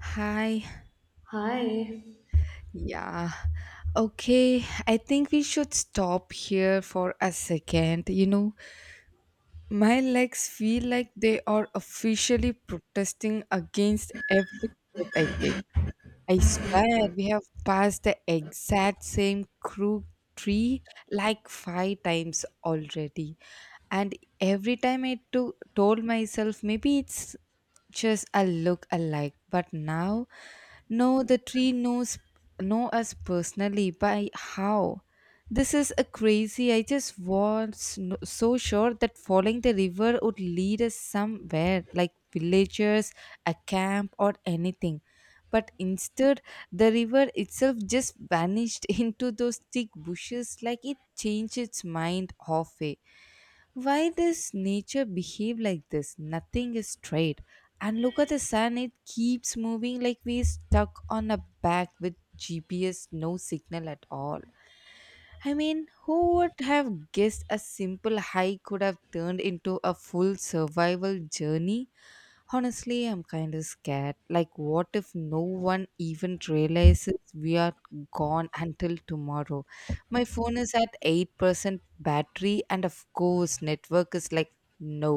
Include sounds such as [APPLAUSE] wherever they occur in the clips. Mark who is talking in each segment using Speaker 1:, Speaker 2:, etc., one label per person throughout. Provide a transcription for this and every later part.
Speaker 1: Hi.
Speaker 2: Hi.
Speaker 1: Yeah. Okay. I think we should stop here for a second. You know, my legs feel like they are officially protesting against every step I take. I swear we have passed the exact same crook tree like five times already. And every time told myself maybe it's just a look alike, but now no, the tree knows, know us personally by how. This is a crazy. I just was no- so sure that following the river would lead us somewhere, like villagers, a camp or anything, but instead the river itself just vanished [LAUGHS] into those thick bushes, like it changed its mind halfway. Why does nature behave like this? Nothing is straight. And look at the sun, it keeps moving like we're stuck on a back with GPS, no signal at all. I mean, who would have guessed a simple hike could have turned into a full survival journey? Honestly, I'm kind of scared, like what if no one even realizes we are gone until tomorrow? My phone is at 8% battery, and of course network is like no.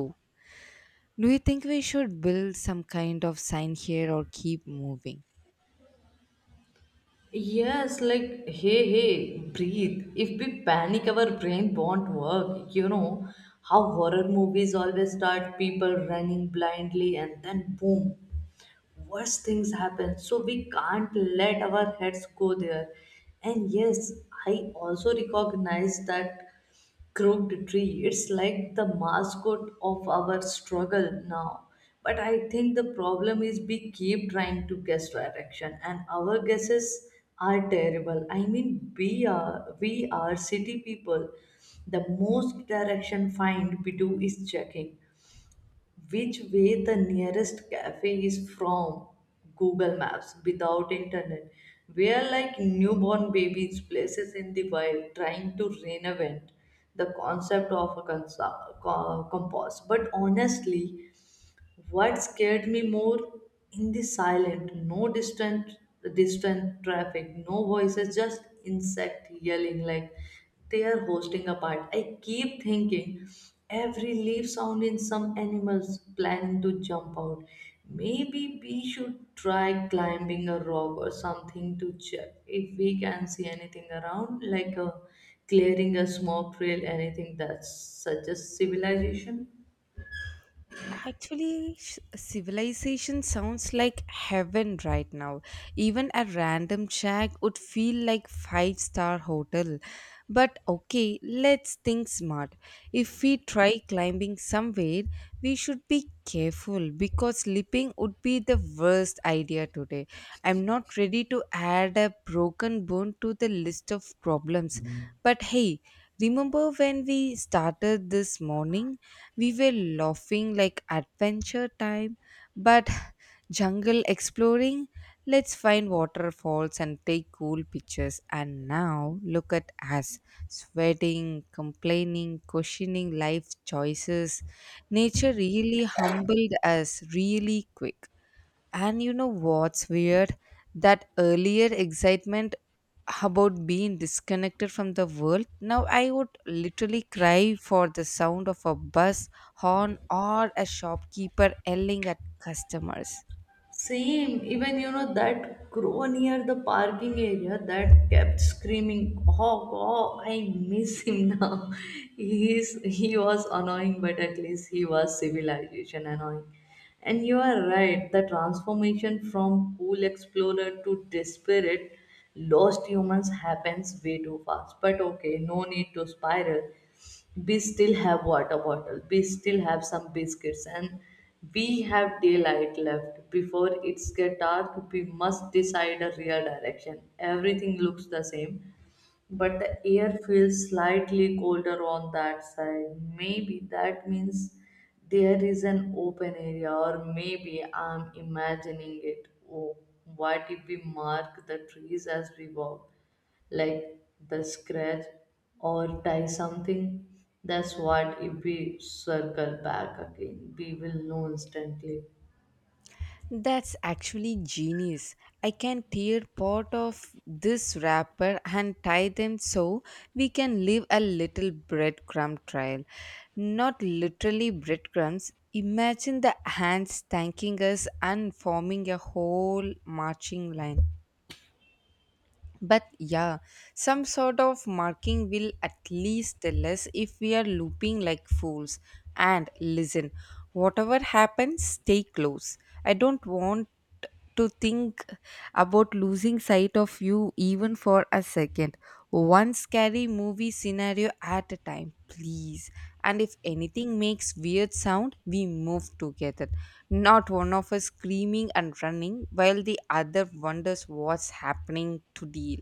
Speaker 1: Do you think we should build some kind of sign here or keep moving?
Speaker 2: Yes, like hey, hey, breathe. If we panic, our brain won't work. You know how horror movies always start people running blindly and then boom. Worse things happen, so we can't let our heads go there. And yes, I also recognize that crooked tree. It's like the mascot of our struggle now. But I think the problem is we keep trying to guess direction, and our guesses are terrible. I mean, we are city people. The most direction find we do is checking which way the nearest cafe is from Google Maps without internet. We are like newborn babies, places in the wild, trying to reinvent the concept of a compass. But honestly, what scared me more in the silent, no distant, traffic, no voices, just insect yelling like they are hosting a part. I keep thinking every leaf sound in some animals planning to jump out. Maybe we should try climbing a rock or something to check if we can see anything around, like a clearing, a smoke trail, anything that suggests civilization.
Speaker 1: Actually, civilization sounds like heaven right now. Even a random shack would feel like five-star hotel. But okay, let's think smart. If we try climbing somewhere, we should be careful because slipping would be the worst idea today. I'm not ready to add a broken bone to the list of problems. But hey, remember when we started this morning? We were laughing like adventure time, but [LAUGHS] jungle exploring, let's find waterfalls and take cool pictures. And now look at us, sweating, complaining, questioning life choices. Nature really humbled us really quick. And you know what's weird? That earlier excitement about being disconnected from the world, now I would literally cry for the sound of a bus horn or a shopkeeper yelling at customers.
Speaker 2: Same, even you know that crow near the parking area that kept screaming, oh, oh, I miss him now. [LAUGHS] He was annoying, but at least he was civilization annoying. And you are right, the transformation from cool explorer to desperate lost humans happens way too fast. But okay, no need to spiral. We still have water bottle, we still have some biscuits, and we have daylight left before it's get dark. We must decide a real direction. Everything looks the same, but the air feels slightly colder on that side. Maybe that means there is an open area, or maybe I'm imagining it. Oh, what if we mark the trees as we walk, like the scratch or tie something. That's what if we circle back again, we will know instantly.
Speaker 1: That's actually genius. I can tear part of this wrapper and tie them so we can leave a little breadcrumb trail. Not literally breadcrumbs. Imagine the ants thanking us and forming a whole marching line. But yeah, some sort of marking will at least tell us if we are looping like fools. And listen, whatever happens, stay close. I don't want to think about losing sight of you even for a second, one scary movie scenario at a time, please. And if anything makes weird sound, we move together. Not one of us screaming and running while the other wonders what's happening to deal.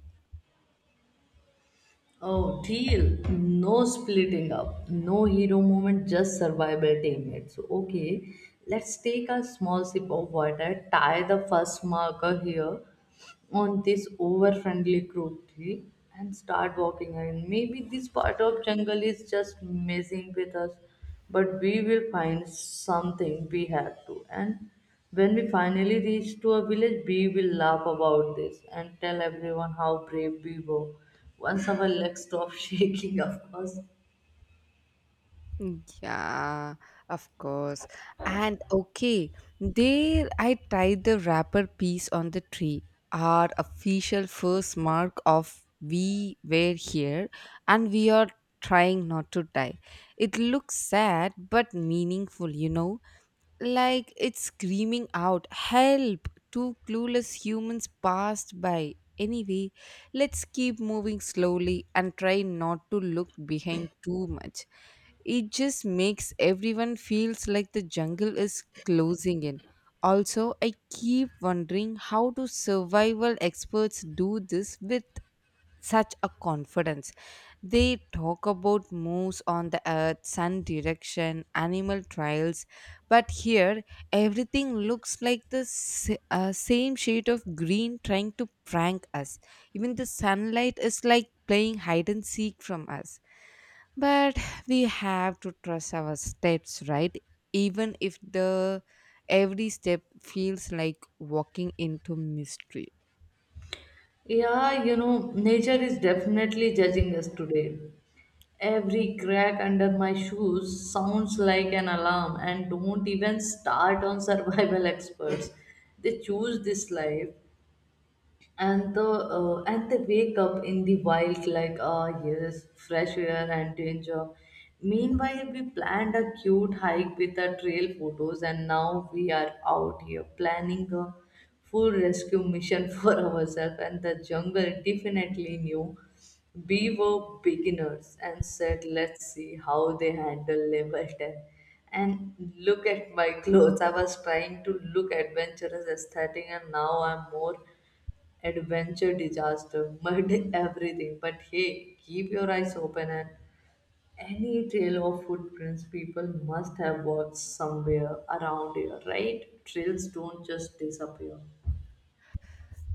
Speaker 2: Oh, deal. No splitting up. No hero moment, just survival teammates. Okay, let's take a small sip of water, tie the first marker here, on this over friendly cruelty, and start walking again. Maybe this part of jungle is just messing with us, but we will find something. We have to. And when we finally reach to a village, we will laugh about this and tell everyone how brave we were, once our legs stop [LAUGHS] shaking, of course.
Speaker 1: Yeah, of course. And okay, there I tied the wrapper piece on the tree, our official first mark of we were here and we are trying not to die. It looks sad but meaningful, you know, like it's screaming out, "Help! Two clueless humans passed by." Anyway, let's keep moving slowly and try not to look behind too much. It just makes everyone feels like the jungle is closing in. Also, I keep wondering, how do survival experts do this with such a confidence? They talk about moves on the earth, sun direction, animal trials, but here everything looks like the same shade of green trying to prank us. Even the sunlight is like playing hide and seek from us, but we have to trust our steps, right? Even if the every step feels like walking into mystery.
Speaker 2: Yeah, you know, nature is definitely judging us today. Every crack under my shoes sounds like an alarm, and don't even start on survival [LAUGHS] experts. They choose this life. And the and they wake up in the wild like, ah, yes, fresh air and danger. Meanwhile, we planned a cute hike with our trail photos, and now we are out here planning a full rescue mission [LAUGHS] for ourselves. And the jungle definitely knew we were beginners and said, let's see how they handle level 10. And look at my [LAUGHS] clothes, I was trying to look adventurous aesthetic, and now I'm more adventure, disaster, mud, [LAUGHS] everything. But hey, keep your eyes open, and any trail of footprints, people must have walked somewhere around here, right? Trails don't just disappear.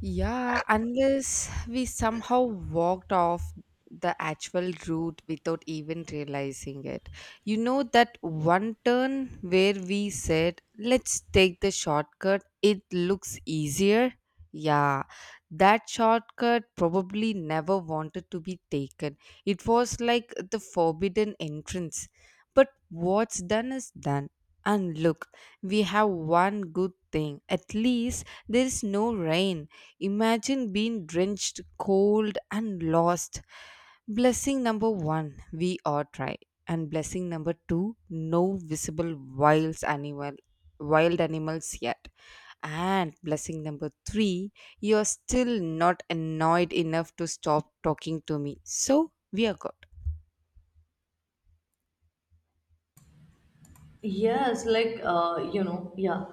Speaker 1: Yeah, unless we somehow walked off the actual route without even realizing it. You know, that one turn where we said, let's take the shortcut, it looks easier. Yeah, that shortcut probably never wanted to be taken. It was like the forbidden entrance. But what's done is done. And look, we have one good thing. At least there is no rain. Imagine being drenched, cold, and lost. Blessing number one, we are dry. And blessing number two, no visible wild animals yet. And blessing number three, you're still not annoyed enough to stop talking to me. So we are good.
Speaker 2: Yes, yeah.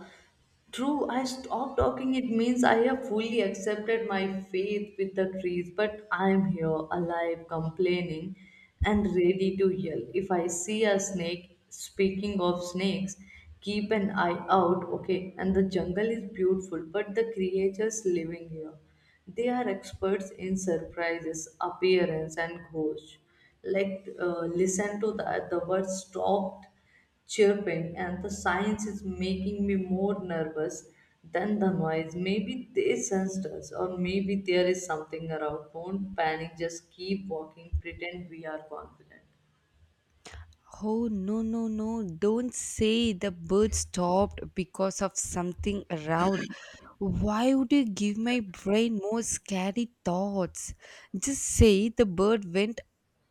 Speaker 2: True, I stopped talking. It means I have fully accepted my fate with the trees, but I'm here alive, complaining, and ready to yell. If I see a snake, speaking of snakes, keep an eye out, okay? And the jungle is beautiful, but the creatures living here, they are experts in surprises, appearance, and ghosts. Listen to that. The word stopped chirping, and the science is making me more nervous than the noise. Maybe they sensed us, or maybe there is something around. Don't panic, just keep walking, pretend we are confident.
Speaker 1: Oh no, no, no! Don't say the bird stopped because of something around. Why would you give my brain more scary thoughts? Just say the bird went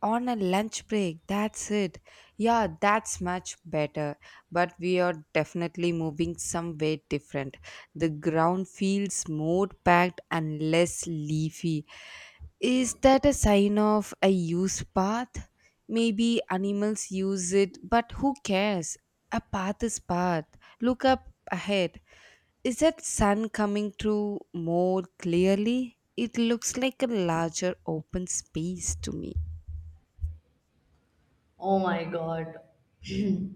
Speaker 1: on a lunch break. That's it. Yeah, that's much better. But we are definitely moving somewhere different. The ground feels more packed and less leafy. Is that a sign of a used path? Maybe animals use it, but who cares? A path is path. Look up ahead. Is that sun coming through more clearly? It looks like a larger open space to me.
Speaker 2: Oh my god. [CLEARS THROAT]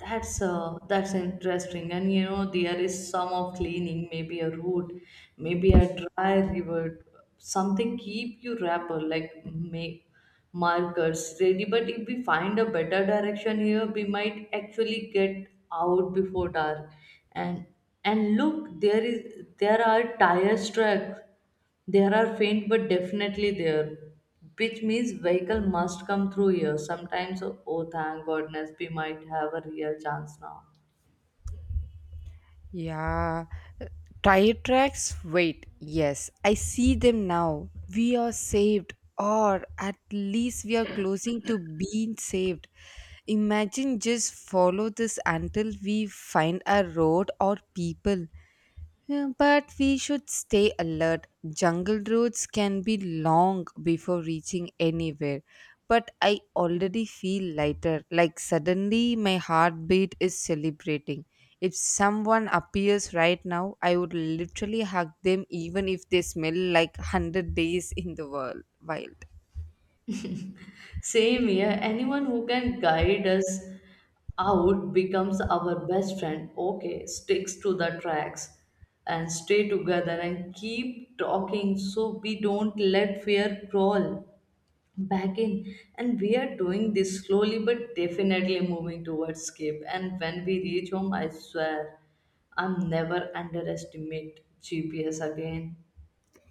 Speaker 2: That's interesting, and you know there is some of cleaning, maybe a root, maybe a dry river, something. Keep you wrapper like make markers ready. But if we find a better direction here, we might actually get out before dark. And and look, there are tire tracks. There are faint, but definitely there, which means vehicle must come through here. Sometimes, oh thank goodness, we might have a real chance now.
Speaker 1: Yeah, uh, tire tracks. Wait, yes, I see them now. We are saved, or at least we are closing to being saved. Imagine just follow this until we find a road or people. Yeah, but we should stay alert. Jungle roads can be long before reaching anywhere. But I already feel lighter, like suddenly my heartbeat is celebrating. If someone appears right now, I would literally hug them even if they smell like [LAUGHS] 100 days in the world wild.
Speaker 2: Same here. Anyone who can guide us out becomes our best friend. Okay, sticks to the tracks, and stay together, and keep talking so we don't let fear crawl back in. And we are doing this slowly but definitely moving towards escape. And when we reach home, I swear I'm never underestimate GPS again.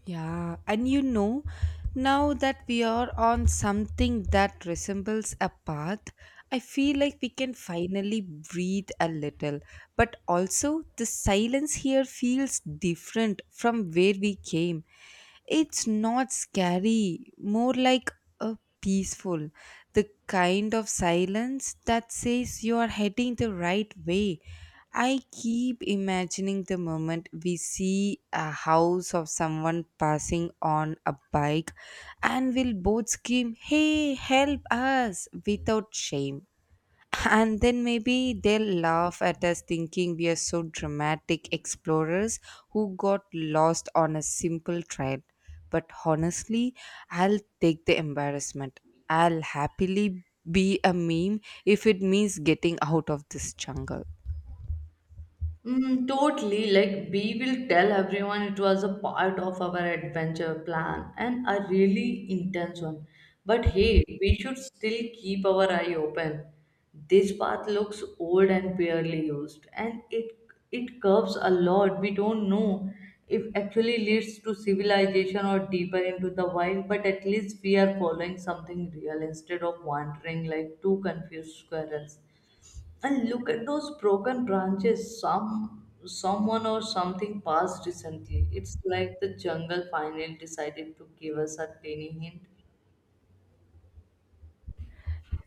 Speaker 1: Yeah, and you know, now that we are on something that resembles a path, I feel like we can finally breathe a little. But also, the silence here feels different from where we came. It's not scary, more like a peaceful, the kind of silence that says you are heading the right way. I keep imagining the moment we see a house of someone passing on a bike and will both scream, "Hey, help us!" without shame. And then maybe they'll laugh at us thinking we are so dramatic explorers who got lost on a simple trail. But honestly, I'll take the embarrassment. I'll happily be a meme if it means getting out of this jungle.
Speaker 2: Mm, totally. Like, we will tell everyone it was a part of our adventure plan, and a really intense one. But hey, we should still keep our eye open. This path looks old and barely used, and it curves a lot. We don't know if actually leads to civilization or deeper into the wild, but at least we are following something real instead of wandering like two confused squirrels. And look at those broken branches. Someone or something passed recently. It's like the jungle finally decided to give us a tiny hint.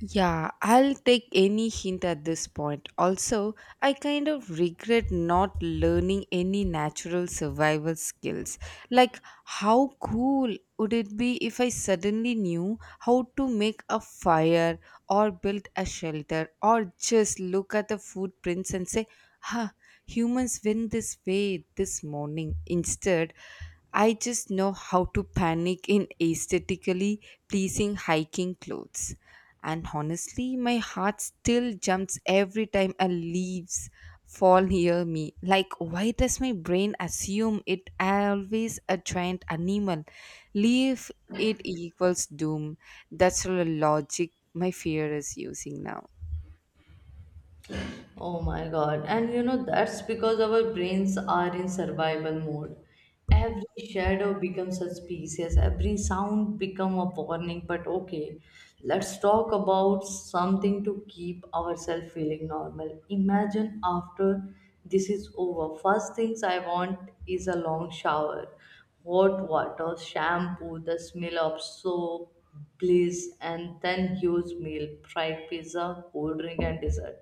Speaker 1: Yeah, I'll take any hint at this point. Also, I kind of regret not learning any natural survival skills. Like, how cool would it be if I suddenly knew how to make a fire or build a shelter or just look at the footprints and say, "Ha, humans win this way this morning." Instead, I just know how to panic in aesthetically pleasing hiking clothes. And honestly, my heart still jumps every time a leaves fall near me. Like, why does my brain assume it always a giant animal? Leave it equals doom. That's the logic my fear is using now.
Speaker 2: Oh my god. And you know, that's because our brains are in survival mode. Every shadow becomes suspicious, every sound become a warning. But okay, let's talk about something to keep ourselves feeling normal. Imagine after this is over, first things I want is a long shower, hot water, shampoo, the smell of soap, bliss, and then huge meal, fried pizza, cold drink, and dessert.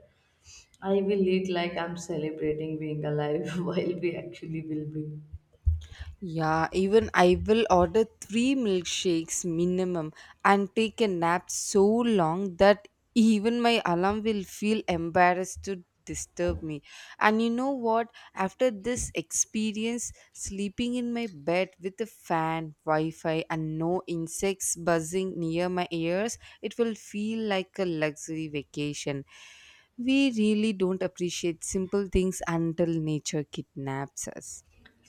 Speaker 2: I will eat like I'm celebrating being alive [LAUGHS] while we actually will be.
Speaker 1: Yeah, even I will order three milkshakes minimum and take a nap so long that even my alarm will feel embarrassed to disturb me. And you know what? After this experience, sleeping in my bed with a fan, Wi Fi, and no insects buzzing near my ears, it will feel like a luxury vacation. We really don't appreciate simple things until nature kidnaps us.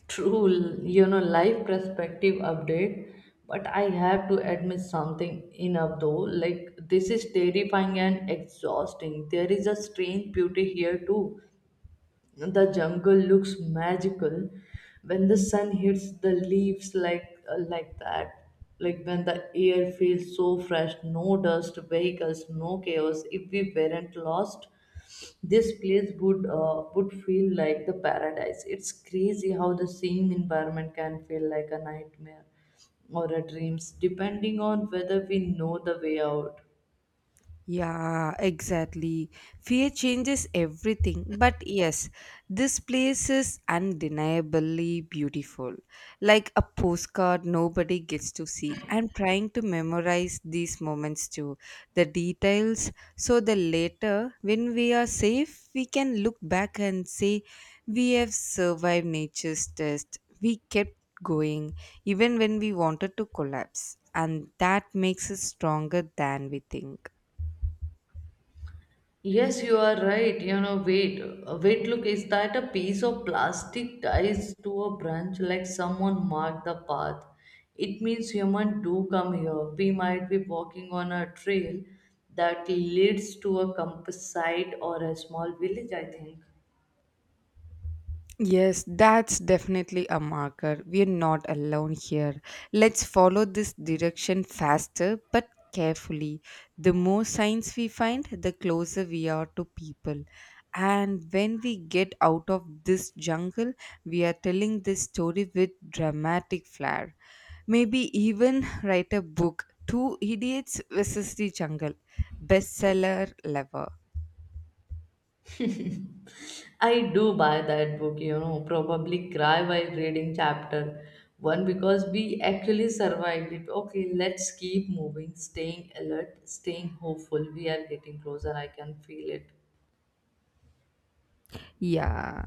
Speaker 2: True, you know, life perspective update. But I have to admit something enough though. Like, this is terrifying and exhausting. There is a strange beauty here too. The jungle looks magical when the sun hits the leaves like that. Like when the air feels so fresh, no dust, vehicles, no chaos. If we weren't lost, this place would feel like the paradise. It's crazy how the same environment can feel like a nightmare or a dreams depending on whether we know the way out.
Speaker 1: Yeah, exactly. Fear changes everything. But yes, this place is undeniably beautiful. Like a postcard nobody gets to see. I'm trying to memorize these moments too, the details, so that later, when we are safe, we can look back and say, we have survived nature's test. We kept going, even when we wanted to collapse. And that makes us stronger than we think.
Speaker 2: Yes, you are right, you know, wait, wait, look, is that a piece of plastic ties to a branch like someone marked the path? It means human do come here. We might be walking on a trail that leads to a campsite or a small village, I think.
Speaker 1: Yes, that's definitely a marker. We're not alone here. Let's follow this direction faster but carefully. The more signs we find, the closer we are to people. And when we get out of this jungle, we are telling this story with dramatic flair. Maybe even write a book, "Two Idiots versus the Jungle," bestseller level.
Speaker 2: I do buy that book, you know, probably cry while reading chapter one because we actually survived it. Okay, let's keep moving, staying alert, staying hopeful. We are getting closer. I can feel it.
Speaker 1: Yeah.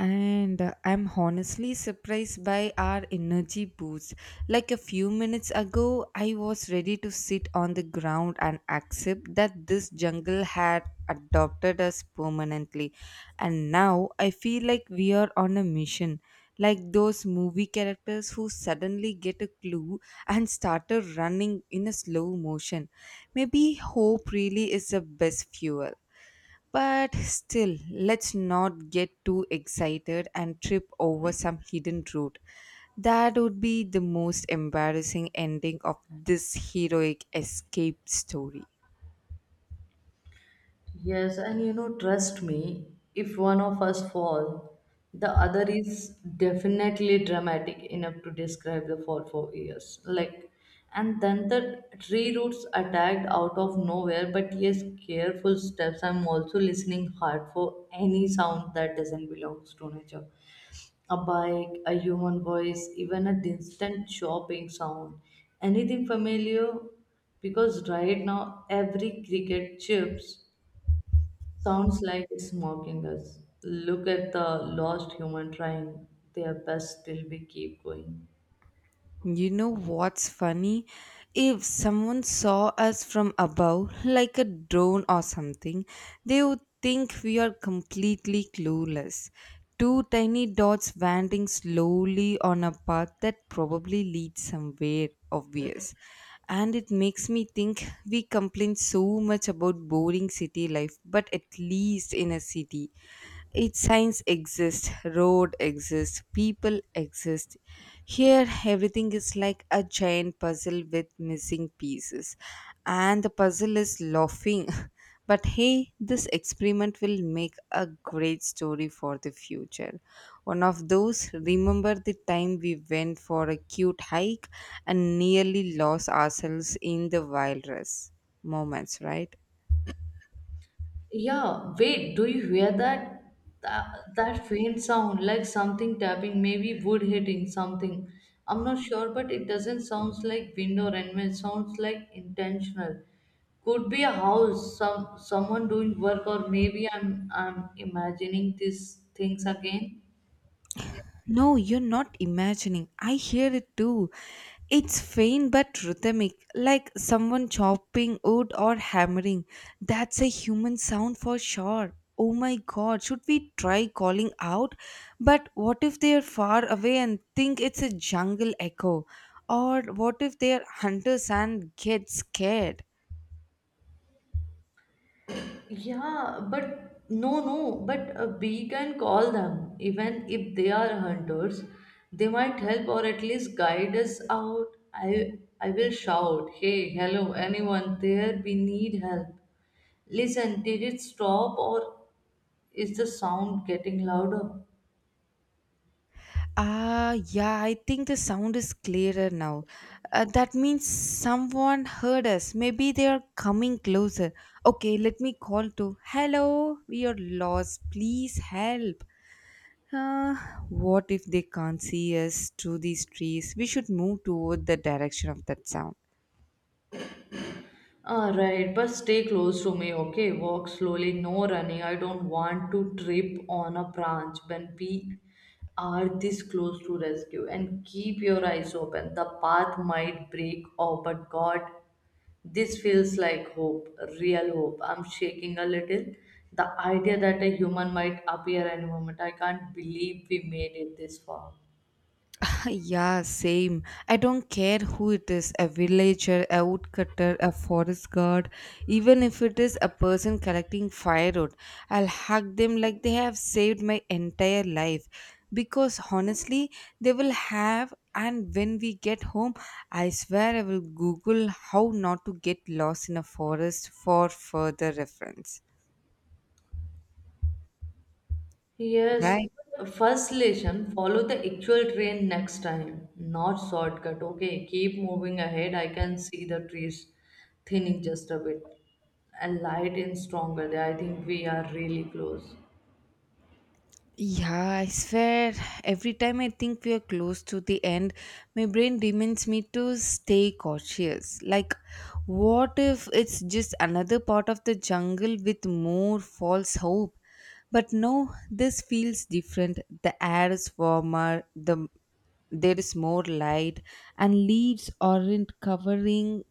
Speaker 1: And I'm honestly surprised by our energy boost. Like a few minutes ago I was ready to sit on the ground and accept that this jungle had adopted us permanently, and now I feel like we are on a mission, like those movie characters who suddenly get a clue and started running in a slow motion. Maybe hope really is the best fuel. But still, let's not get too excited and trip over some hidden route. That would be the most embarrassing ending of this heroic escape story.
Speaker 2: Yes, and you know, trust me, if one of us fall, the other is definitely dramatic enough to describe the fall for years. Like, and then the tree roots attacked out of nowhere, but yes, careful steps. I'm also listening hard for any sound that doesn't belong to nature. A bike, a human voice, even a distant chopping sound, anything familiar, because right now every cricket chips sounds like it's mocking us. Look at the lost human trying their best till we keep going.
Speaker 1: You know what's funny? If someone saw us from above, like a drone or something, they would think we are completely clueless. Two tiny dots wandering slowly on a path that probably leads somewhere obvious. And it makes me think we complain so much about boring city life, but at least in a city. Its signs exist, road exists, people exist. Here, everything is like a giant puzzle with missing pieces, and the puzzle is laughing. [LAUGHS] But hey, this experiment will make a great story for the future. One of those, remember the time we went for a cute hike and nearly lost ourselves in the wilderness moments, right?
Speaker 2: Yeah, wait, do you hear that? That, faint sound, like something tapping, maybe wood hitting something. I'm not sure, but it doesn't sound like wind or animal. It sounds like intentional. Could be a house, someone doing work, or maybe I'm imagining these things again.
Speaker 1: No, you're not imagining. I hear it too. It's faint but rhythmic, like someone chopping wood or hammering. That's a human sound for sure. Oh my god, should we try calling out? But what if they are far away and think it's a jungle echo? Or what if they are hunters and get scared?
Speaker 2: Yeah, but no, no, but we can call them. Even if they are hunters, they might help or at least guide us out. I will shout, "Hey, hello, anyone there? We need help." Listen, did it stop, or is the sound getting louder?
Speaker 1: Ah, yeah, I think the sound is clearer now. That means someone heard us. Maybe they are coming closer. Okay, let me call to. Hello, we are lost. Please help. Uh, what if they can't see us through these trees? We should move toward the direction of that sound.
Speaker 2: Ah, right, but stay close to me, okay? Walk slowly, no running. I don't want to trip on a branch when we are this close to rescue. And keep your eyes open. The path might break off, but God, this feels like hope, real hope. I'm shaking a little. The idea that a human might appear any moment. I can't believe we made it this far.
Speaker 1: Yeah, same. I don't care who it is, a villager, a woodcutter, a forest guard, even if it is a person collecting firewood, I'll hug them like they have saved my entire life. Because honestly, they will have, and when we get home, I swear I will Google how not to get lost in a forest for further reference.
Speaker 2: Yes,
Speaker 1: Right?
Speaker 2: first lesson, follow the actual train next time, not shortcut. Okay, keep moving ahead. I can see the trees thinning just a bit, and light in stronger there. I think we are really close.
Speaker 1: Yeah, I swear, every time I think we are close to the end, my brain reminds me to stay cautious. Like, what if it's just another part of the jungle with more false hope? But no, this feels different. The air is warmer, there is more light, and leaves aren't covering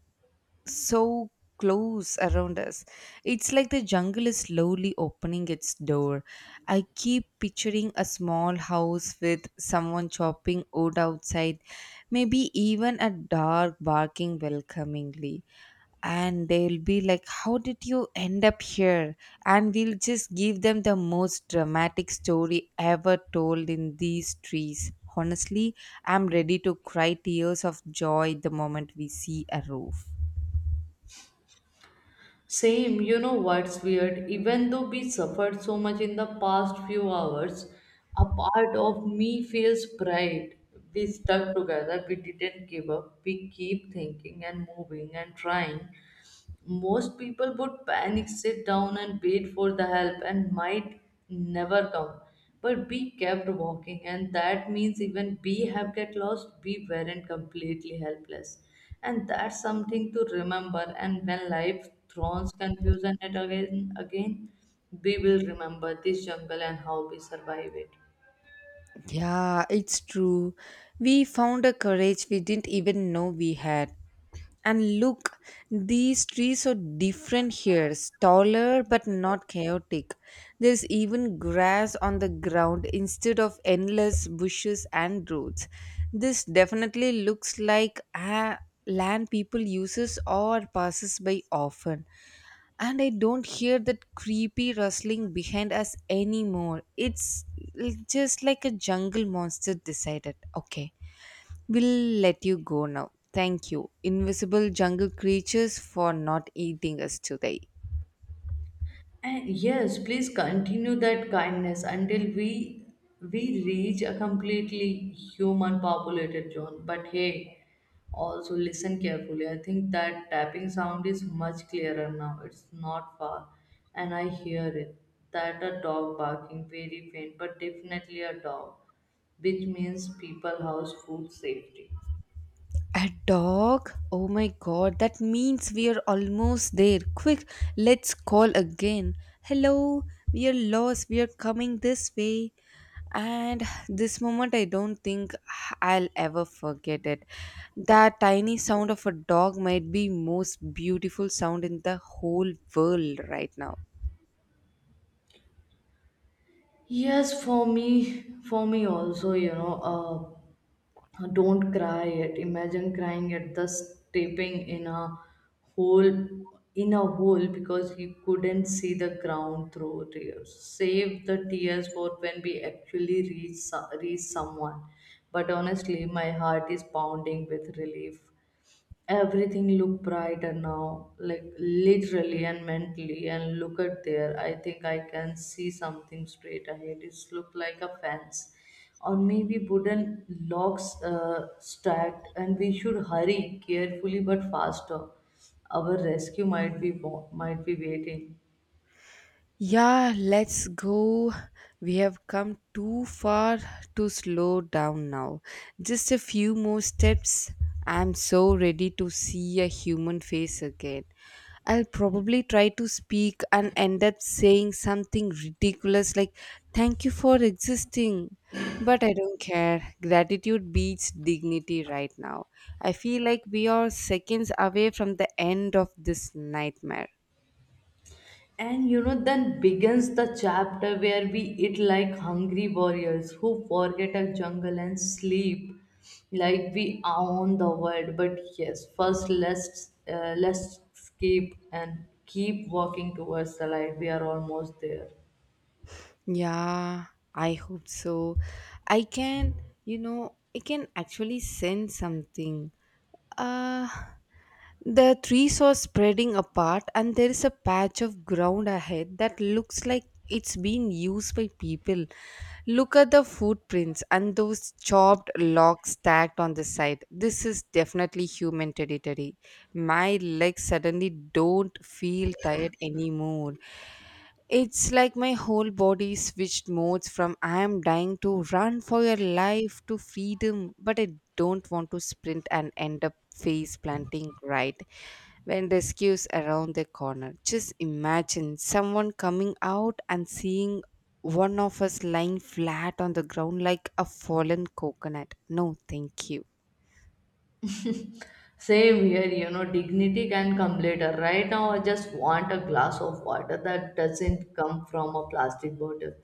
Speaker 1: so close around us. It's like the jungle is slowly opening its door. I keep picturing a small house with someone chopping wood outside, maybe even a dog barking welcomingly. And they'll be like, "How did you end up here?" And we'll just give them the most dramatic story ever told in these trees. Honestly, I'm ready to cry tears of joy the moment we see a roof.
Speaker 2: Same, you know what's weird? Even though we suffered so much in the past few hours, a part of me feels pride. We stuck together, we didn't give up, we keep thinking and moving and trying. Most people would panic, sit down, and wait for the help, and might never come. But we kept walking, and that means even we have get lost, we weren't completely helpless. And that's something to remember. And when life throws confusion at again, again, we will remember this jungle and how we survive it.
Speaker 1: Yeah, it's true. We found a courage we didn't even know we had. And look, these trees are different here, taller but not chaotic. There's even grass on the ground instead of endless bushes and roads. This definitely looks like a land people uses or passes by often, and I don't hear that creepy rustling behind us anymore. It's just like a jungle monster decided, okay, we'll let you go now. Thank you, invisible jungle creatures, for not eating us today.
Speaker 2: And yes, please continue that kindness until we reach a completely human populated zone. But hey, also listen carefully. I think that tapping sound is much clearer now. It's not far, and I hear it. That a dog barking, very faint, but definitely a dog, which means people, house, food, safety.
Speaker 1: A dog? Oh my god, that means we are almost there. Quick, let's call again. Hello, we are lost. We are coming this way. And this moment, I don't think I'll ever forget it. That tiny sound of a dog might be most beautiful sound in the whole world right now.
Speaker 2: Yes, for me, also, you know, huh, don't cry it. Imagine crying at the stepping in a hole because he couldn't see the ground through tears. Save the tears for when we actually reach reach someone. But honestly, my heart is pounding with relief. Everything look brighter now, like literally and mentally. And look at there, I think I can see something straight ahead. It's look like a fence or maybe wooden logs stacked. And we should hurry carefully but faster. Our rescue might be might be waiting.
Speaker 1: Yeah, let's go. We have come too far to slow down now. Just a few more steps. I'm so ready to see a human face again. I'll probably try to speak and end up saying something ridiculous like, "Thank you for existing." But I don't care. Gratitude beats dignity right now. I feel like we are seconds away from the end of this nightmare.
Speaker 2: And you know, then begins the chapter where we eat like hungry warriors who forget a jungle and sleep like we own the world. But yes, first let's skip and keep walking towards the light. We are almost there.
Speaker 1: Yeah, I hope so. I can, you know, I can actually sense something. Uh, the trees are spreading apart, and there is a patch of ground ahead that looks like it's been used by people. Look at the footprints and those chopped logs stacked on the side. This is definitely human territory. My legs suddenly don't feel tired anymore. It's like my whole body switched modes from "I am dying, to run for your life" to freedom, but I don't want to sprint and end up face planting right when rescue's around the corner. Just imagine someone coming out and seeing one of us lying flat on the ground like a fallen coconut. No, thank you.
Speaker 2: Same here, you know, dignity can come later. Right now, I just want a glass of water that doesn't come from a plastic bottle.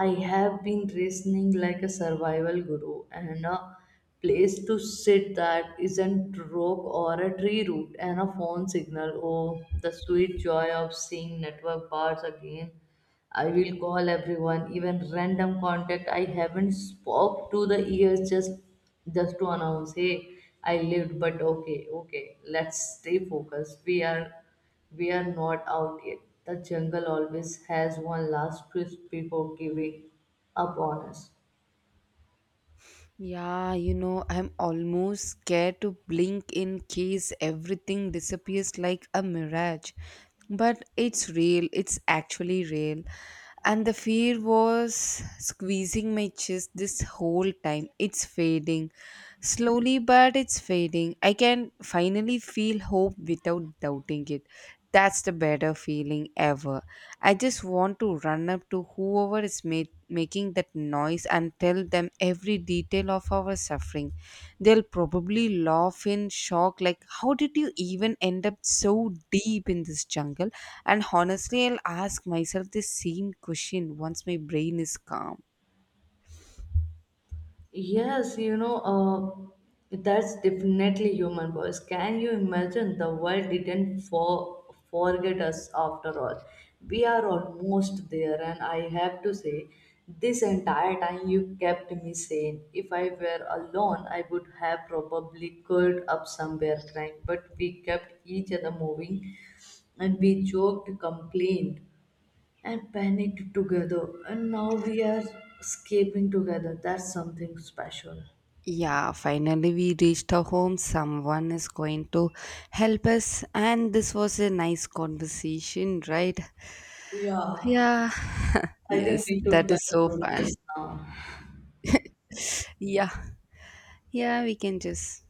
Speaker 2: I have been reasoning like a survival guru, and a place to sit that isn't rock or a tree root, and a phone signal. Oh, the sweet joy of seeing network bars again. I will call everyone, even random contact I haven't spoke to the years, just to announce, hey, I lived. But okay, okay, let's stay focused. We are not out yet. The jungle always has one last twist before giving up on us.
Speaker 1: Yeah, you know, I'm almost scared to blink in case everything disappears like a mirage. But it's real, it's actually real. And the fear was squeezing my chest this whole time. It's fading. Slowly, but it's fading. I can finally feel hope without doubting it. That's the better feeling ever. I just want to run up to whoever making that noise and tell them every detail of our suffering. They'll probably laugh in shock, like, "How did you even end up so deep in this jungle?" And honestly, I'll ask myself the same question once my brain is calm.
Speaker 2: Yes, you know, that's definitely human voice. Can you imagine the world didn't forget us after all? We are almost there, and I have to say, this entire time you kept me sane. If I were alone, I would have probably curled up somewhere crying, but we kept each other moving, and we joked, complained, and panicked together, and now we are escaping together. That's something special.
Speaker 1: Yeah, finally we reached our home. Someone is going to help us, and this was a nice conversation, right?
Speaker 2: Yeah,
Speaker 1: Yeah, [LAUGHS]
Speaker 2: I think
Speaker 1: yes,
Speaker 2: we should
Speaker 1: that is so
Speaker 2: conclude
Speaker 1: fun.
Speaker 2: this now.
Speaker 1: Yeah, yeah, we can just